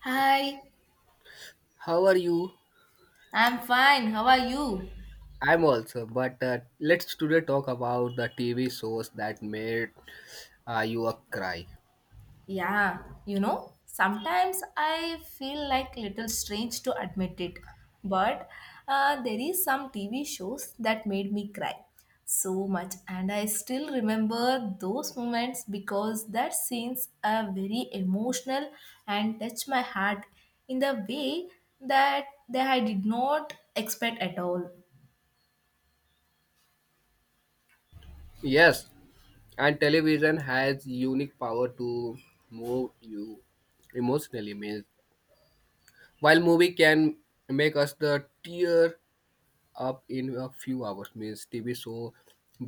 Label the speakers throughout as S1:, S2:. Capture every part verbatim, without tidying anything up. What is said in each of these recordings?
S1: Hi,
S2: How are you?
S1: I'm fine. How are you?
S2: I'm also, but uh, let's today talk about the T V shows that made uh, you a cry.
S1: Yeah, you know, sometimes I feel like little strange to admit it, but uh, there is some T V shows that made me cry so much, and I still remember those moments because that scenes are very emotional and touch my heart in the way that that I did not expect at all.
S2: Yes, and television has unique power to move you emotionally. Means while movie can make us the tear up in a few hours, means T V show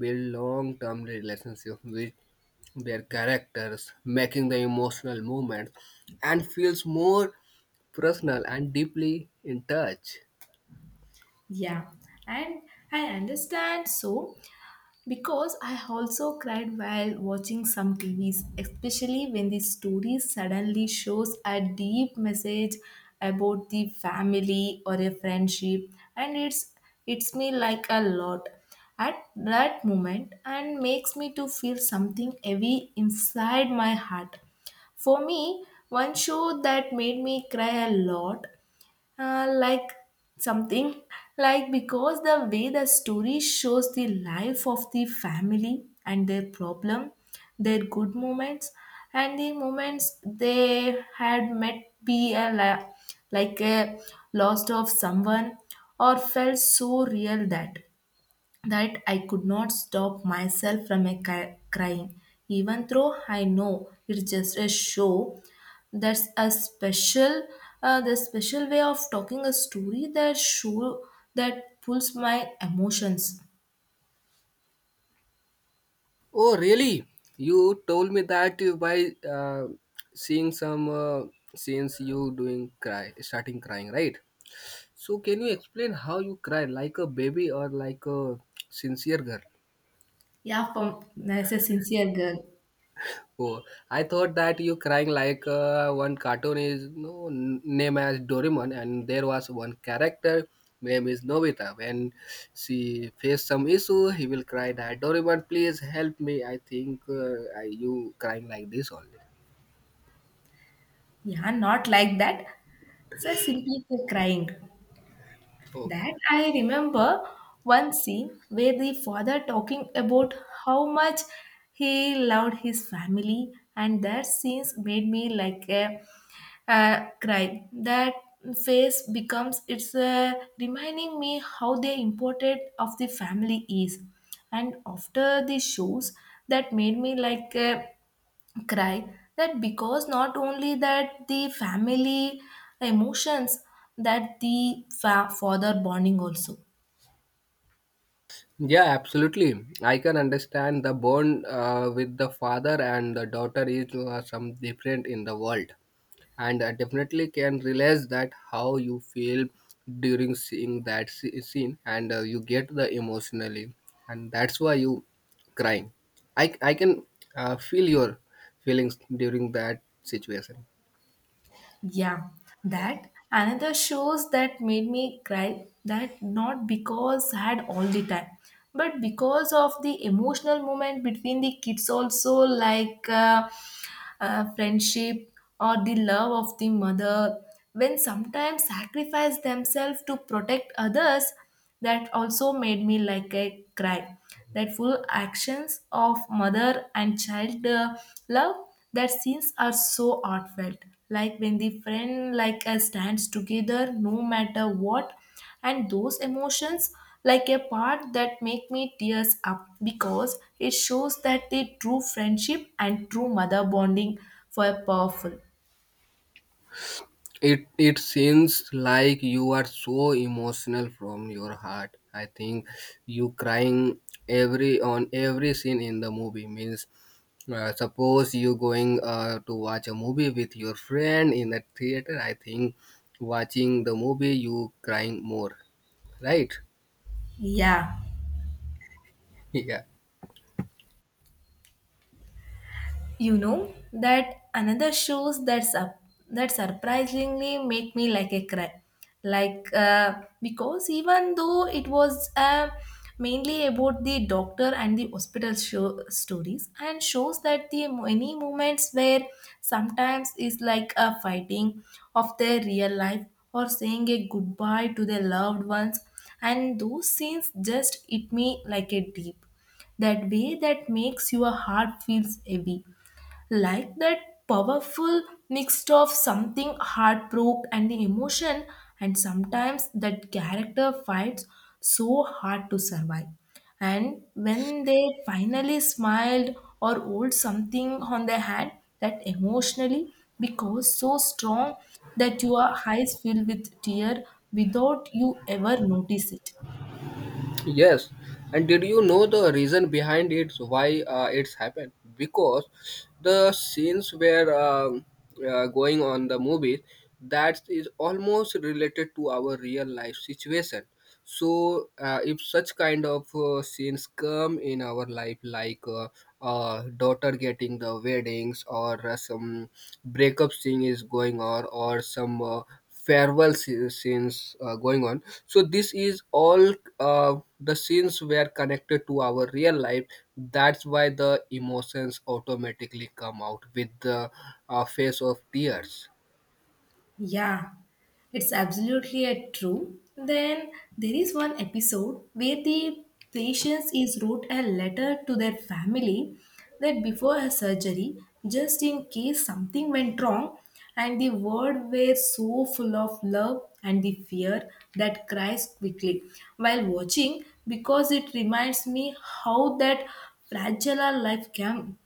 S2: build long-term relationship with their characters, making the emotional moment and feels more personal and deeply in touch.
S1: Yeah, and I understand so. Because I also cried while watching some T Vs, especially when the story suddenly shows a deep message about the family or a friendship, and it's it's me like a lot at that moment and makes me to feel something heavy inside my heart. For me, one show that made me cry a lot, uh, like something, like because the way the story shows the life of the family and their problem, their good moments, and the moments they had met be a la- like a lost of someone or felt so real that that I could not stop myself from a cry- crying, even though I know it's just a show. That's a special, uh, the special way of talking a story that show that pulls my emotions.
S2: Oh, really? You told me that you by uh, seeing some uh, scenes you doing cry, starting crying, right? So can you explain how you cry like a baby or like a sincere girl?
S1: Yeah, from, as a sincere girl.
S2: Oh, I thought that you crying like uh, one cartoon is no n- name as Doraemon, and there was one character name is Nobita. When she faced some issue, he will cry that Doraemon, please help me. I think uh, I, you crying like this only.
S1: Yeah, not like that. So I simply crying. That
S2: Okay.
S1: I remember one scene where the father talking about how much he loved his family, and that scenes made me like a, uh cry. That face becomes it's, uh, reminding me how the important of the family is, and after the shows that made me like. Uh, cry that because not only that the family emotions, that the fa- father bonding also.
S2: Yeah, absolutely. I can understand the bond uh, with the father and the daughter is uh, some different in the world, and I definitely can realize that how you feel during seeing that sce- scene, and uh, you get the emotionally, and that's why you crying. I I can uh, feel your feelings during that situation.
S1: Yeah, that another shows that made me cry that not because had all the time but because of the emotional moment between the kids also, like uh, uh, friendship or the love of the mother when sometimes sacrifice themselves to protect others, that also made me like a cry, that full actions of mother and child, uh, love. That scenes are so heartfelt, like when the friend, like uh, stands together no matter what, and those emotions like a part that make me tears up because it shows that the true friendship and true mother bonding were powerful.
S2: It it seems like you are so emotional from your heart. I think you crying every on every scene in the movie means uh, suppose you going uh, to watch a movie with your friend in the theater. I think watching the movie you crying more, right?
S1: Yeah.
S2: Yeah.
S1: You know that another shows that sup- that surprisingly make me like a cry, like uh, because even though it was, uh, mainly about the doctor and the hospital show stories, and shows that the many moments where sometimes is like a fighting of their real life or saying a goodbye to their loved ones, and those scenes just hit me like a deep, that way that makes your heart feels heavy, like that powerful mix of something heartbroken and the emotion. And sometimes that character fights so hard to survive, and when they finally smiled or hold something on their hand, that emotionally because so strong that your eyes fill with tear without you ever notice it.
S2: Yes, and did you know the reason behind it? Why uh, it's happened? Because the scenes were um uh, going on the movie that is almost related to our real life situation. So, uh, if such kind of uh, scenes come in our life, like uh, uh, daughter getting the weddings or uh, some breakup scene is going on or some uh, farewell sce- scenes uh, going on so this is all uh, the scenes were connected to our real life that's why the emotions automatically come out with the uh, face of tears.
S1: Yeah, it's absolutely a true. Then there is one episode where the patient is wrote a letter to their family that before her surgery, just in case something went wrong, and the word were so full of love and the fear that cries quickly while watching because it reminds me how that fragile our life can,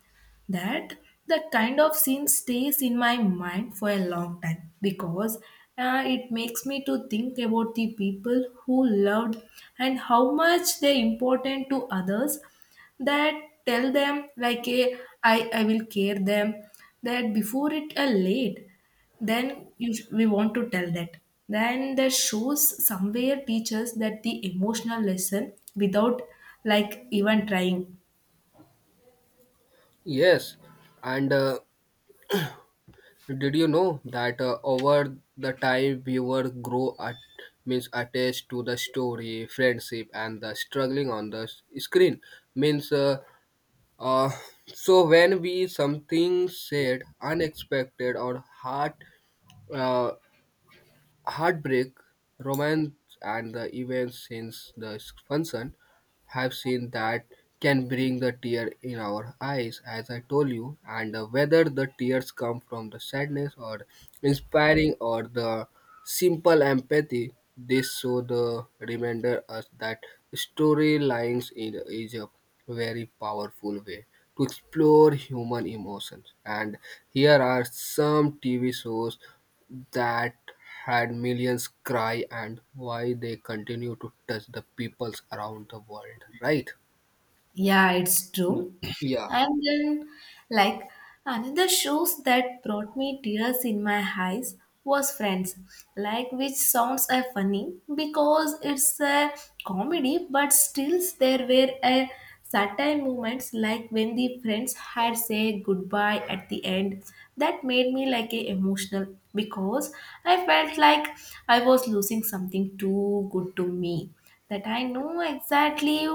S1: that that kind of scene stays in my mind for a long time because, uh, it makes me to think about the people who loved and how much they're important to others, that tell them like a, I, I will care them, that before it are late, then you, we want to tell that. Then that shows somewhere teaches that the emotional lesson without like even trying.
S2: Yes, and uh, did you know that uh, over the time viewer grow at means attached to the story friendship and the struggling on the s- screen means uh, Uh, so when we something said unexpected or hard, uh, heartbreak, romance, and the events since the function have seen that can bring the tear in our eyes, as I told you, and uh, whether the tears come from the sadness or inspiring or the simple empathy, this show the reminder us that storylines in is a very powerful way to explore human emotions. And here are some T V shows that had millions cry and why they continue to touch the peoples around the world, right?
S1: Yeah, it's
S2: Y-
S1: true.
S2: Yeah,
S1: And then, like, another shows that brought me tears in my eyes was Friends, like, which sounds uh, funny because it's a comedy, but still there were a certain moments like when the friends had say goodbye at the end that made me like a emotional because I felt like I was losing something too good to me, that I know exactly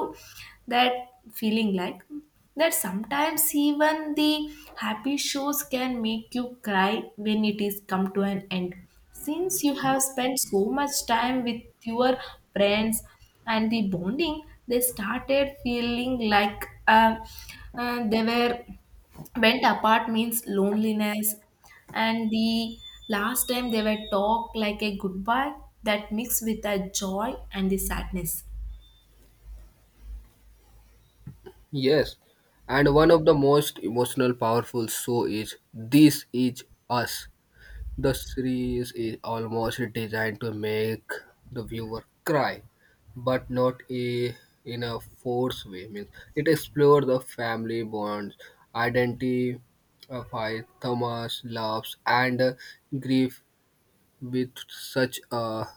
S1: that feeling, like that sometimes even the happy shows can make you cry when it is come to an end, since you have spent so much time with your friends, and the bonding they started feeling like uh, uh, they were went apart means loneliness, and the last time they were talked like a goodbye that mixed with a joy and the sadness.
S2: yes. And one of the most emotional, powerful show is This Is Us. The series is almost designed to make the viewer cry, but not a, in a forced way. Means it explores the family bonds, identity, of high Thomas loves and uh, grief with such a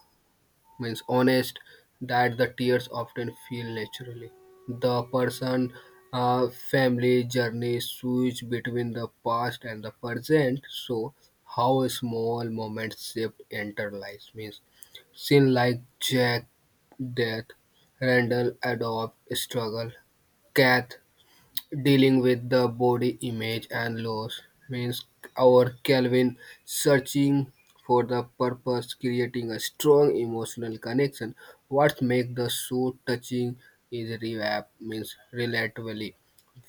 S2: means honest that the tears often feel naturally. The person uh, family journey switch between the past and the present, so how a small moment shaped enter life means seen like Jack death, Randall adopt struggle, Kath dealing with the body image and loss means our Calvin searching for the purpose, creating a strong emotional connection. What makes the suit touching is revamp means relatively.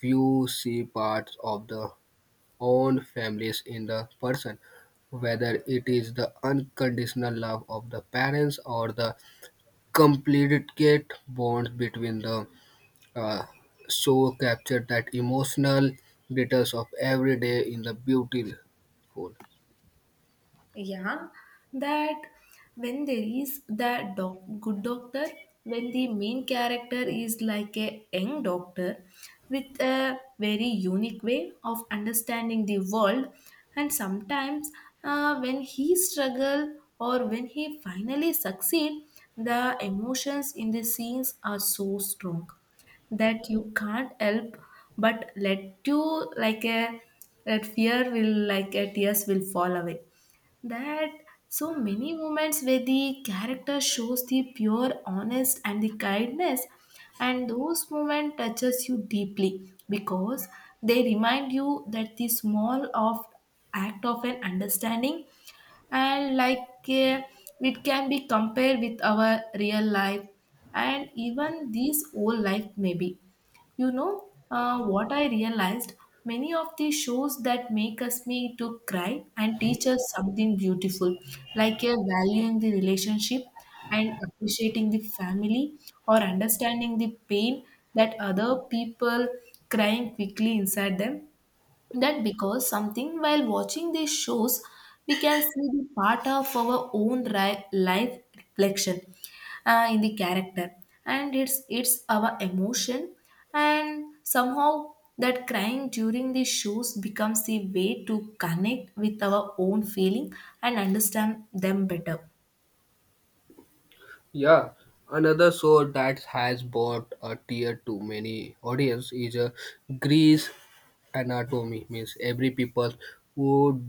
S2: You see parts of the own families in the person, whether it is the unconditional love of the parents or the complicate bonds between the uh, show captured that emotional details of every day in the beautiful.
S1: Yeah, that when there is that doc- good doctor, when the main character is like a young doctor with a very unique way of understanding the world, and sometimes uh, when he struggle or when he finally succeed, the emotions in the scenes are so strong that you can't help but let you like a, that fear will like a tears will fall away. That so many moments where the character shows the pure honest and the kindness, and those moments touches you deeply because they remind you that the small of act of an understanding and like, uh, it can be compared with our real life, and even this old life maybe, you know, uh, what I realized, many of the shows that make us me to cry and teach us something beautiful, like a valuing the relationship and appreciating the family or understanding the pain that other people crying quickly inside them, that because something while watching these shows we can see the part of our own ri- life reflection, uh, in the character, and it's it's our emotion, and somehow that crying during the shows becomes a way to connect with our own feeling and understand them better.
S2: Yeah, another show that has brought a tear to many audience is a Greece anatomy. Means every people who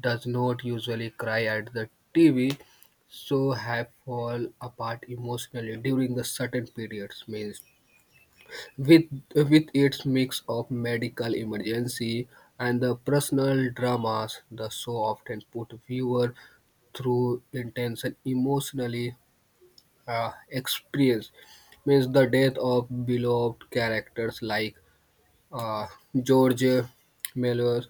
S2: does not usually cry at the T V so have fall apart emotionally during the certain periods. Means with with its mix of medical emergency and the personal dramas the show often put viewer through intense and emotionally uh, experience means the death of beloved characters like uh, George Melvers,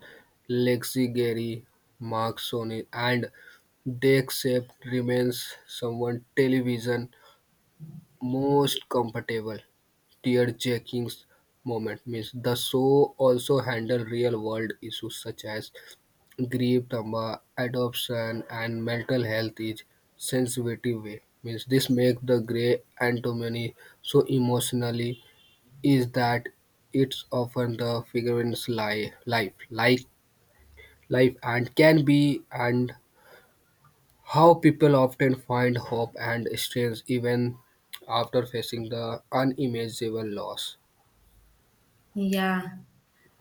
S2: Lexi Gary Mark Sony and Dexep remains someone television most comfortable tear-jerking moment. Means the show also handled real-world issues such as grief, trauma, adoption, and mental health in sensitive way. Means this makes the Grey Anatomy so emotionally is that it's often the figurine's life, life, like life, and can be and how people often find hope and strength even after facing the unimaginable loss.
S1: Yeah,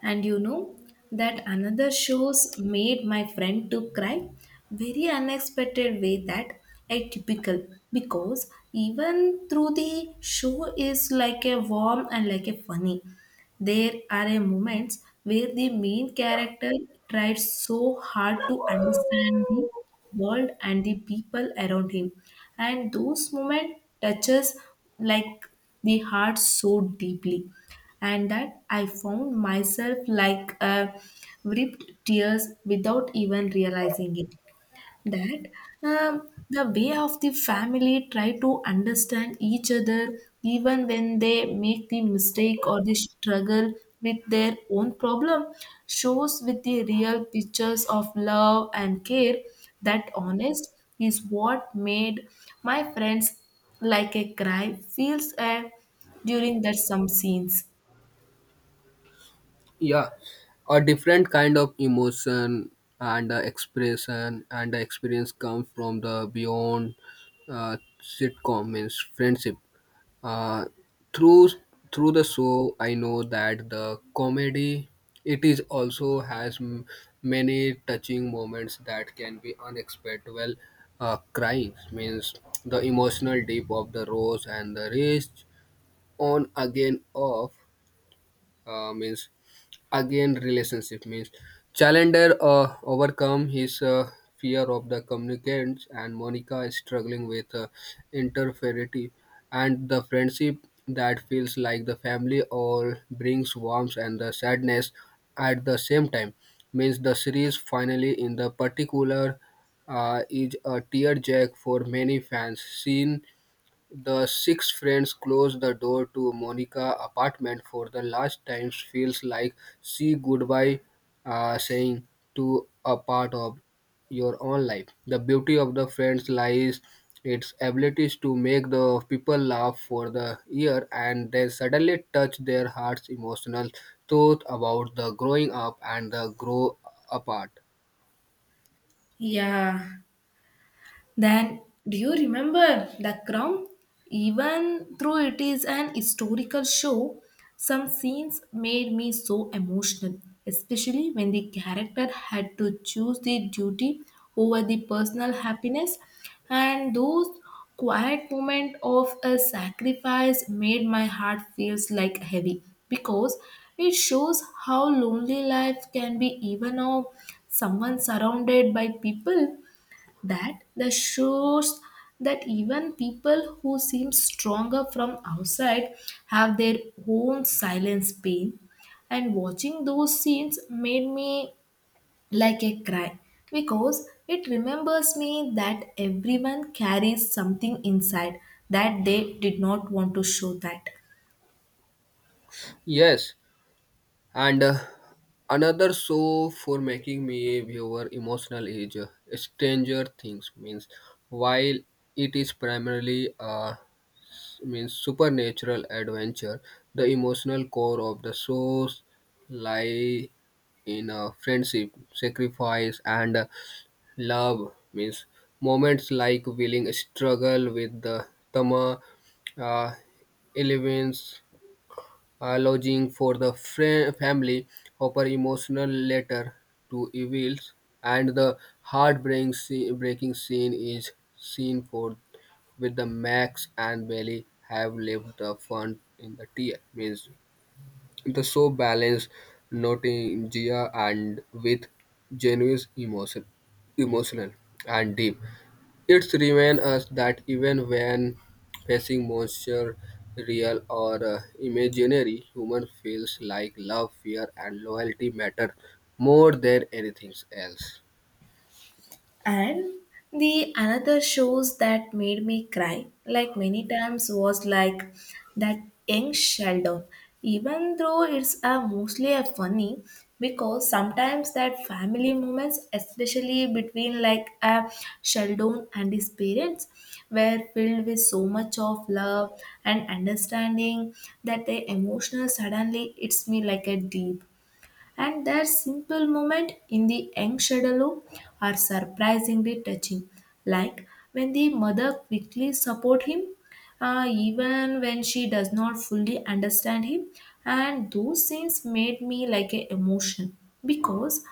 S1: and you know that another shows made my friend to cry very unexpected way, that atypical because even through the show is like a warm and like a funny, there are a moments where the main character tries so hard to understand the world and the people around him, and those moments touches like the heart so deeply, and that I found myself like, uh, ripped tears without even realizing it. That, um, the way of the family try to understand each other even when they make the mistake or they struggle with their own problem, shows with the real pictures of love and care, that honest is what made my friends like a cry feels, uh, during that some scenes.
S2: Yeah, a different kind of emotion and uh, expression and the experience comes from the beyond uh, sitcom means friendship. Uh, through through the show, I know that the comedy it is also has m- many touching moments that can be unexpected. Well, uh, crying means the emotional deep of the rose and the rage on again off uh, means again relationship means challenger uh, overcome his uh, fear of the communicants and Monica is struggling with uh, interferity and the friendship that feels like the family all brings warmth and the sadness at the same time means the series finally in the particular uh, is a tearjerk for many fans seen the six friends close the door to Monica's apartment for the last time feels like she goodbye uh, saying to a part of your own life. The beauty of the friends lies its abilities to make the people laugh for the year and then suddenly touch their hearts emotional thought about the growing up and the grow apart.
S1: Yeah. Then do you remember the crown? Even though it is an historical show, some scenes made me so emotional, especially when the character had to choose the duty over the personal happiness, and those quiet moment of a sacrifice made my heart feels like heavy because it shows how lonely life can be even of someone surrounded by people, that the shows that even people who seem stronger from outside have their own silent pain, and watching those scenes made me like a cry because it remembers me that everyone carries something inside that they did not want to show that.
S2: Yes, and uh, another show for making me a viewer emotional is uh, Stranger Things. Means while it is primarily a means supernatural adventure, the emotional core of the shows lie in uh, friendship, sacrifice, and uh, love. Means moments like willing struggle with the Tama, uh, Eleven's uh, lodging for the fra- family. Hopper emotional letter to Evils, and the heartbreaking scene, breaking scene is seen for with the Max and Bailey have left the fun in the tear. Means the so balanced nostalgia and with genuine emotion, emotional and deep. It's remind us that even when facing monsters, real or uh, imaginary, human feels like love, fear, and loyalty matter more than anything else.
S1: And the another shows that made me cry, like many times, was like that young Sheldon. Even though it's a mostly a funny, because sometimes that family moments, especially between like a Sheldon and his parents, were filled with so much of love and understanding that the emotional suddenly hits me like a deep, and their simple moments in the young shadow are surprisingly touching, like when the mother quickly support him, uh, even when she does not fully understand him, and those scenes made me like a emotion because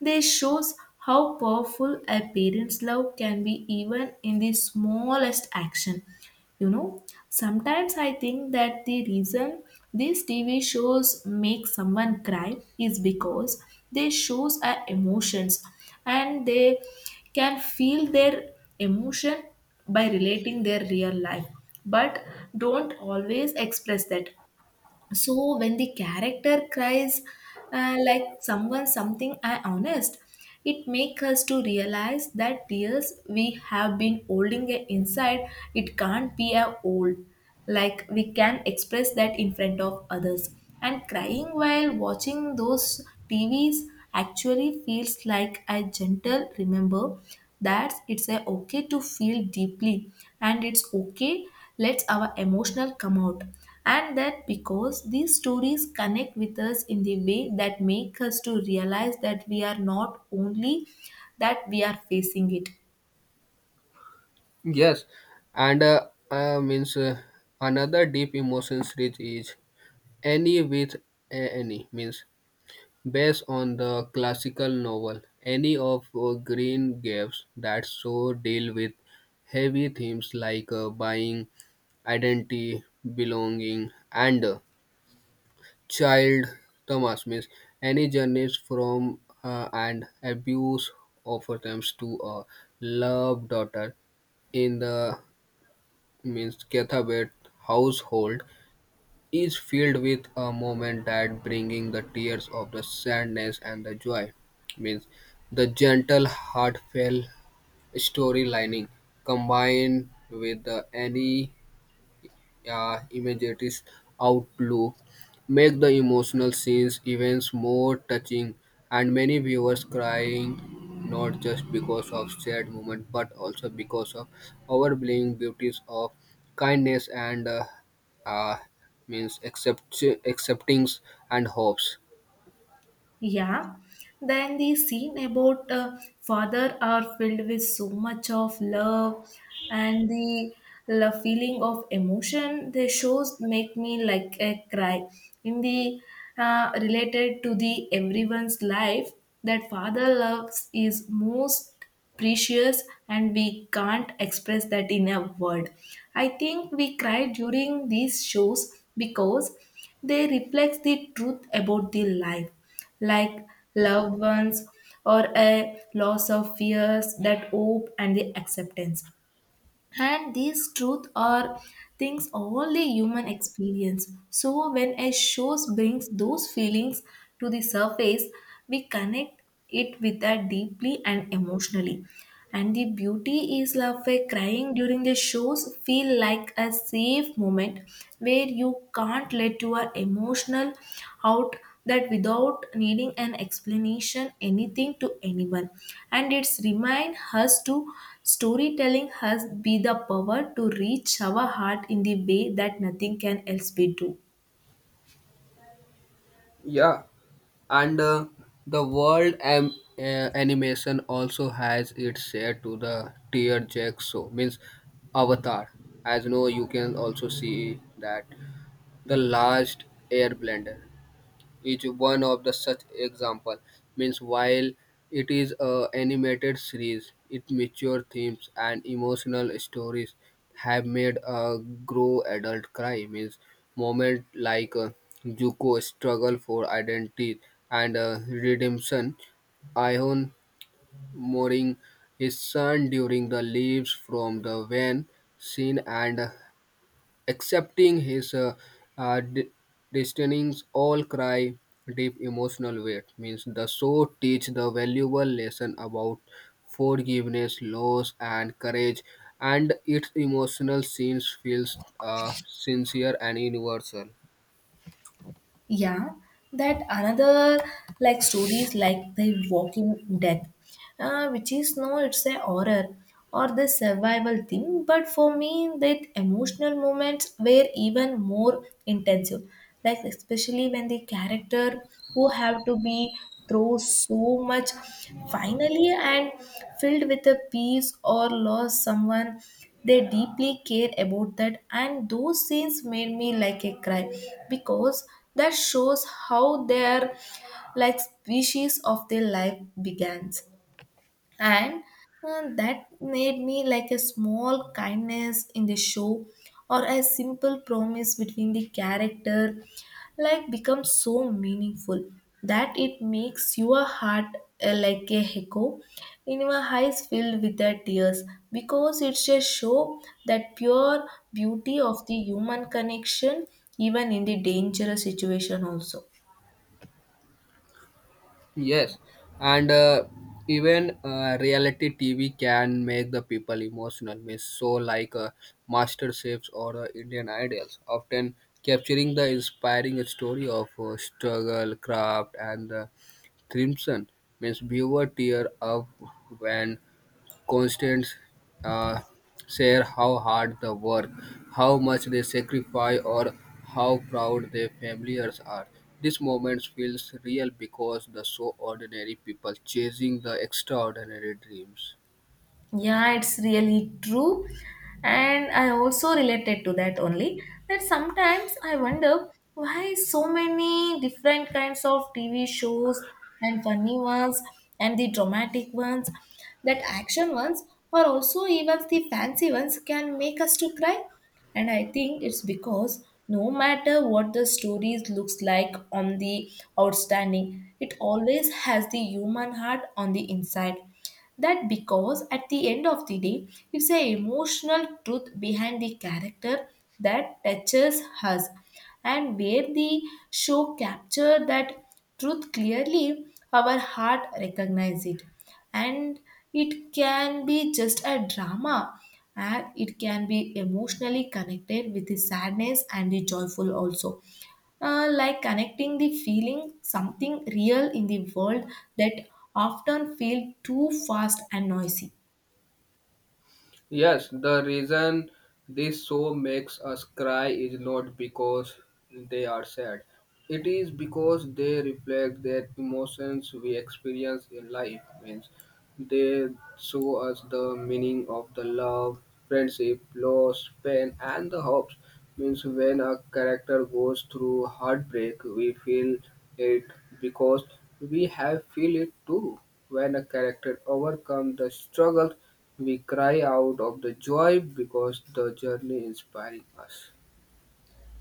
S1: they shows how powerful a parent's love can be even in the smallest action. You know, sometimes I think that the reason these TV shows make someone cry is because they shows our emotions, and they can feel their emotion by relating their real life, but don't always express that. So when the character cries, uh, like someone something I honest, it makes us to realize that tears we have been holding it inside, it can't be a old, like we can express that in front of others, and crying while watching those TVs actually feels like a gentle remember that it's a okay to feel deeply, and it's okay lets our emotional come out, and that because these stories connect with us in the way that make us to realize that we are not only that we are facing it.
S2: Yes, and uh, uh, means uh, another deep emotions rich is any with a- any means based on the classical novel any of uh, Green Gables that so deal with heavy themes like uh, buying identity, belonging, and uh, child. Thomas means any journey from uh, an abuse of attempts to a love daughter in the means Cathabet household is filled with a moment that bringing the tears of the sadness and the joy means the gentle heartfelt storylining combined with the any. Yeah, imagery's outlook make the emotional scenes events more touching, and many viewers crying not just because of sad moment but also because of overwhelming beauties of kindness and uh, uh, means accept acceptings and hopes.
S1: Yeah, then the scene about uh, father are filled with so much of love and the la feeling of emotion they shows make me like a cry in the, uh, related to the everyone's life, that father loves is most precious and we can't express that in a word. I think we cry during these shows because they reflect the truth about the life, like loved ones or a loss of fears, that hope and the acceptance. And these truth are things only human experience, so when a show brings those feelings to the surface, we connect it with that deeply and emotionally. And the beauty is love a crying during the shows feel like a safe moment where you can't let your emotional out, that without needing an explanation anything to anyone. And it's remind us to storytelling has be the power to reach our heart in the way that nothing can else be do.
S2: Yeah, and uh, the world am- uh, animation also has its share to the tier jack show means Avatar. As you know, you can also see that the last air blender each one of the such example. Means while it is a animated series, its mature themes and emotional stories have made a grow adult cry. Means moment like uh, Zuko struggle for identity and uh, redemption, Ion mourning his son during the leaves from the van scene and accepting his uh, uh, de- destinings all cry deep emotional weight means the show teach the valuable lesson about forgiveness loss and courage and its emotional scenes feels uh, sincere and universal.
S1: Yeah, that another, like stories like The Walking Dead, uh, which is no, it's a horror or the survival thing, but for me that emotional moments were even more intensive, like especially when the character who have to be through so much finally and filled with a peace or lost someone they deeply care about that, and those scenes made me like a cry because that shows how their like species of their life begins. And uh, that made me like a small kindness in the show or a simple promise between the character like becomes so meaningful, that it makes your heart, uh, like a echo in your eyes filled with the tears, because it's a show that pure beauty of the human connection even in the dangerous situation also.
S2: Yes, and uh, even uh, reality T V can make the people emotional. Means so like uh, Master Chefs or uh, Indian Idols, often capturing the inspiring story of uh, struggle, craft, and uh, crimson. Means viewer tear up when constants uh, share how hard they work, how much they sacrifice, or how proud their families are. This moment feels real because the so ordinary people chasing the extraordinary dreams.
S1: Yeah, it's really true. And I also related to that only, that sometimes I wonder why so many different kinds of T V shows, and funny ones and the dramatic ones, that action ones, or also even the fancy ones can make us to cry. And I think it's because no matter what the stories looks like on the outstanding, it always has the human heart on the inside. That because at the end of the day, it's a emotional truth behind the character that touches us. And where the show capture that truth clearly, our heart recognize it. And it can be just a drama, and it can be emotionally connected with the sadness and the joyful also. Uh, like connecting the feeling something real in the world that often feel too fast and noisy.
S2: Yes, the reason this show makes us cry is not because they are sad. It is because they reflect the emotions we experience in life. Means they show us the meaning of the love, friendship, loss, pain, and the hopes. Means when a character goes through heartbreak, we feel it because we have feel it too. When a character overcomes the struggle, we cry out of the joy because the journey is inspiring us.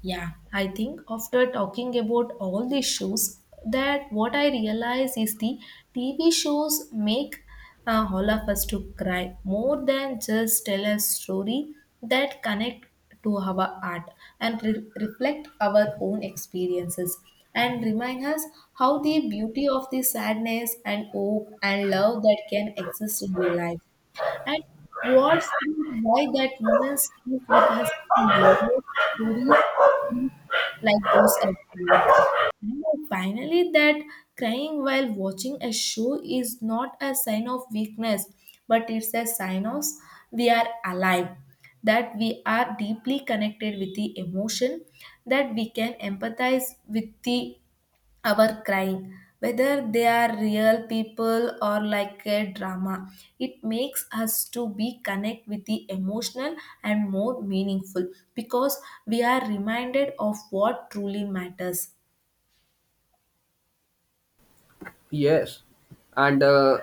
S1: Yeah, I think after talking about all these shows, that what I realize is the T V shows make uh, all of us to cry more than just tell a story, that connect to our art and re- reflect our own experiences and remind us how the beauty of the sadness and hope and love that can exist in the life. And what's why that woman stays with us in Bollywood story like goes at work. You know, finally, that crying while watching a show is not a sign of weakness, but it's a sign of we are alive, that we are deeply connected with the emotion, that we can empathize with the our crying, whether they are real people or like a drama. It makes us to be connect with the emotional and more meaningful because we are reminded of what truly matters.
S2: Yes, and uh,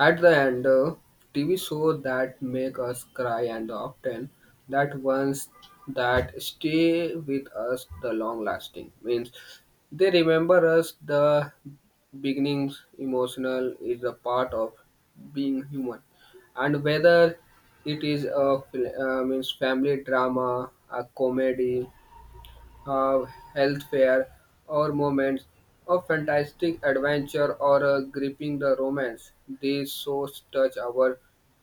S2: at the end, uh, T V shows that make us cry and often that ones that stay with us the long lasting means they remember us the beginnings emotional is a part of being human and whether it is a fil- uh, means family drama a comedy uh, health fair, or moments of fantastic adventure or a gripping the romance. These shows touch our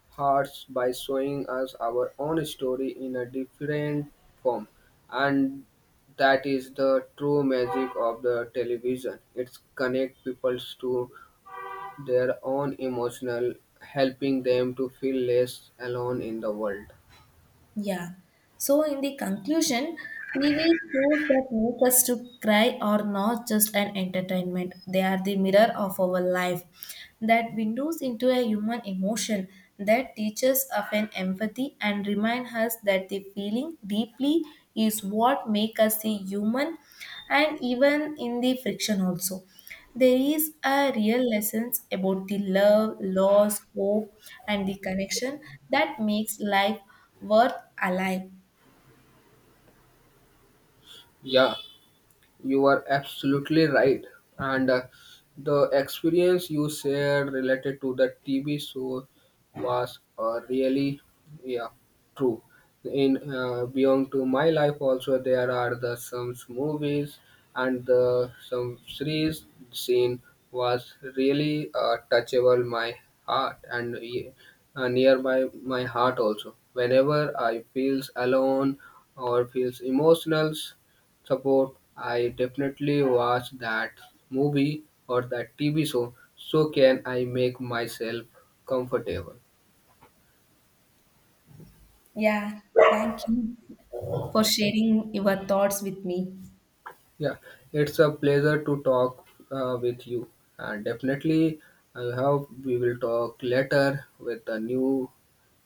S2: hearts by showing us our own story in a different form, and that is the true magic of the television. It connects people to their own emotional, helping them to feel less alone in the world.
S1: Yeah. So in the conclusion, T V shows that make us to cry are not just an entertainment. They are the mirror of our life, that windows into a human emotion, that teaches of an empathy and remind us that the feeling deeply is what make us a human. And even in the friction also, there is a real lessons about the love, loss, hope, and the connection that makes life worth alive.
S2: Yeah. You are absolutely right. And uh, the experience you shared related to the T V show was uh, really, yeah, true. In uh, Beyond to My Life, also there are the some movies and the some series scene was really uh, touchable my heart and uh, nearby my heart also. Whenever I feels alone or feels emotional support. I definitely watch that movie or that T V show so can I make myself comfortable.
S1: Yeah, thank you for sharing your thoughts with me.
S2: Yeah, it's a pleasure to talk uh, with you. And definitely, I hope we will talk later with a new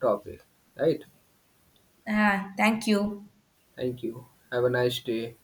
S2: topic. Right?
S1: Ah, thank you.
S2: Thank you. Have a nice day.